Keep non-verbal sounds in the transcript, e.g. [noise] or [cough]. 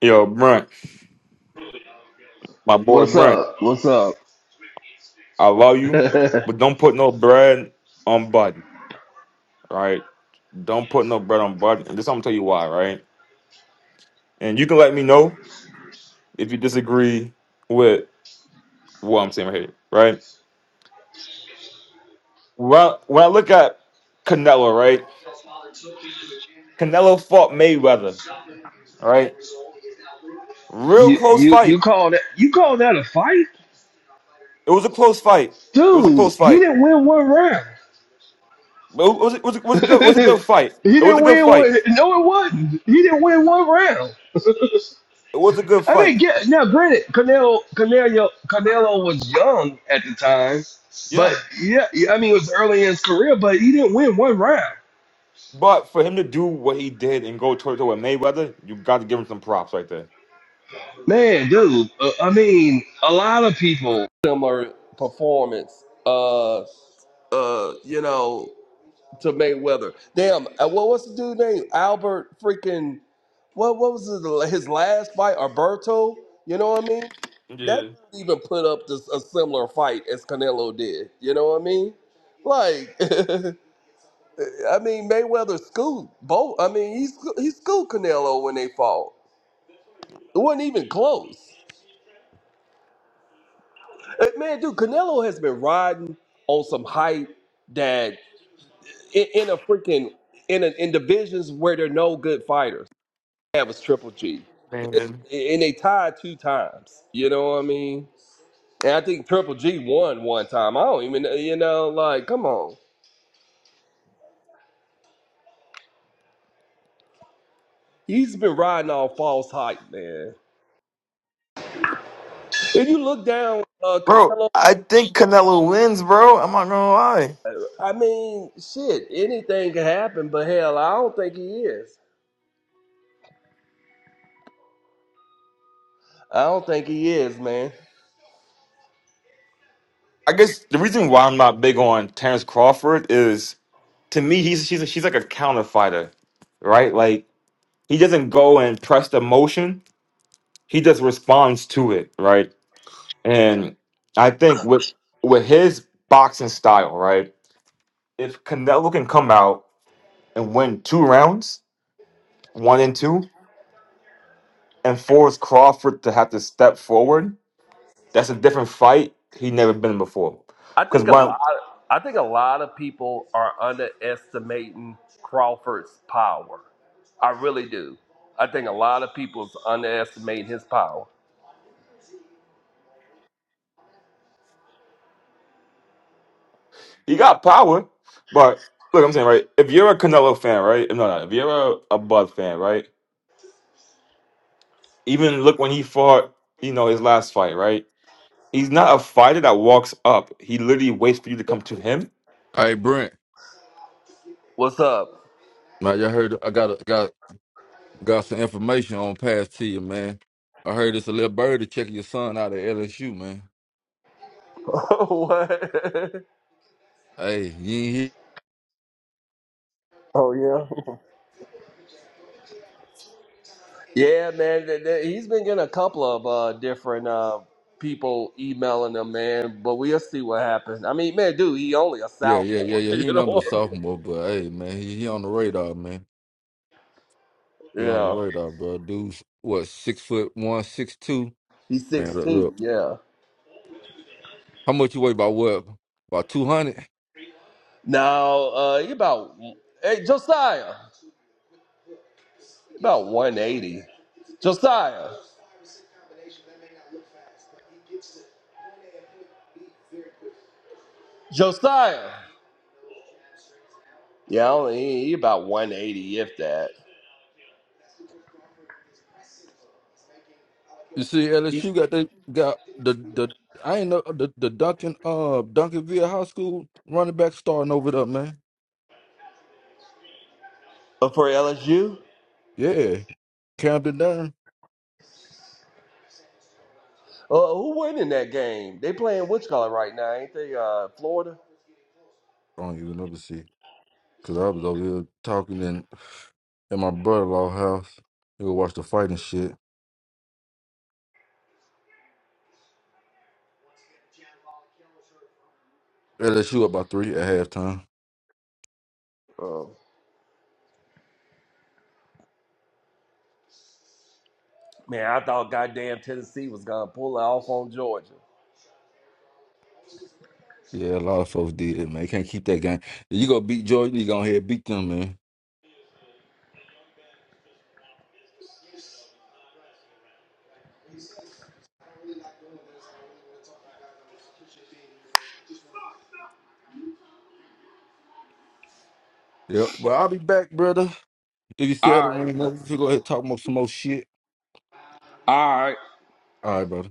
Yo, Brent, my boy What's Brent, up? What's up? I love [laughs] you, you but don't put no bread on Bud, right? Don't put no bread on Bud. And this I'm gonna tell you why, right? And you can let me know if you disagree with what I'm saying right here, right? Well, when I look at Canelo, right? Canelo fought Mayweather, right? Real close you you fight. call that you call that a fight, It was a close fight. It was a dude? close He fight. didn't win one round. But it was, it was, it was [laughs] a good, he it was a good fight. It was didn't a good win fight. one. No, it wasn't. He didn't win one round. It was a good I mean, fight. get now. Granted, Canelo Canelo Canelo was young at the time, but Yeah. yeah, yeah, I mean, it was early in his career, but he didn't win one round. But for him to do what he did and go toe to toe with Mayweather, you got to give him some props right there. Man, dude. Uh, I mean, a lot of people similar performance. Uh, uh, you know. to Mayweather. Damn, uh, what what's the dude name? Albert freaking what what was his, his last fight? Alberto, you know what I mean? That Yeah, didn't even put up this, a similar fight as Canelo did. You know what I mean? Like, [laughs] I mean Mayweather scooped both. I mean he sco- he scooped Canelo when they fought. It wasn't even close. Uh, Man, dude, Canelo has been riding on some hype that in, in a freaking in a, in divisions where there are no good fighters. That was Triple G, Man, and they tied two times. You know what I mean? And I think Triple G won one time. I don't even, you know, like, come on. He's been riding off false hype, man. If you look down, uh, Bro, Canelo, I think Canelo wins, bro. I'm not gonna lie. I mean, shit, anything can happen, but hell, I don't think he is. I don't think he is, man. I guess the reason why I'm not big on Terrence Crawford is to me he's she's she's like a counter fighter, right? Like he doesn't go and press the motion; he just responds to it, right? And I think with with his boxing style, right, if Canelo can come out and win two rounds, one and two. and force Crawford to have to step forward, that's a different fight he never been in before. I Because think a one, lot. I think a lot of people are underestimating Crawford's pop. I really do. I think a lot of. he got power, but look, I'm saying right. If you're a Canelo fan, right? No, no. If you're a, a Bud fan, right? Even look when he fought, you know, his last fight, right? He's not a fighter that walks up. He literally waits for you to come to him Hey Brent, What's up? man, y'all heard I got a, got got some information on pass to you, man. I heard it's a little birdie checking your son out at LSU, man. [laughs] what? Hey, he ain't here. Oh yeah. [laughs] Yeah, man. th- th- He's been getting a couple of uh, different uh, people emailing him, man. But we'll see what happens. I mean, man, dude, he only a Yeah, yeah, yeah, sophomore. [laughs] yeah. He You ain't know number the what I sophomore, but hey, man, he, he on the radar, man. He mean? on the Yeah. radar, bro. Dude's what six foot one, six two. He's Man, six look, two. look. yeah. how much you weigh? About what? About two hundred. Now, uh, he about... Hey, Josiah. About 180. Josiah. Josiah. Yeah, only he, he about 180, if that. You see, LSU got they got the the I ain't know the the Duncan uh Duncanville High School running back starting over there, man. Uh, for LSU? Yeah. count it down. Uh, who won in that game? They playing which color right now, ain't they? Uh, Florida? I don't even know to see. Cause I was over here talking in at my brother in law house. He would watch the fight and shit. LSU up by three at halftime. Oh. Man, I thought goddamn Tennessee was gonna pull it off on Georgia. Yeah, a lot of folks did, man. Can't keep that game. If you go beat Jordan, you go to ahead and beat them, man. Yep. But I'll be back, brother. If you still have the room, open, if you go ahead and talk more some more shit. All right, brother.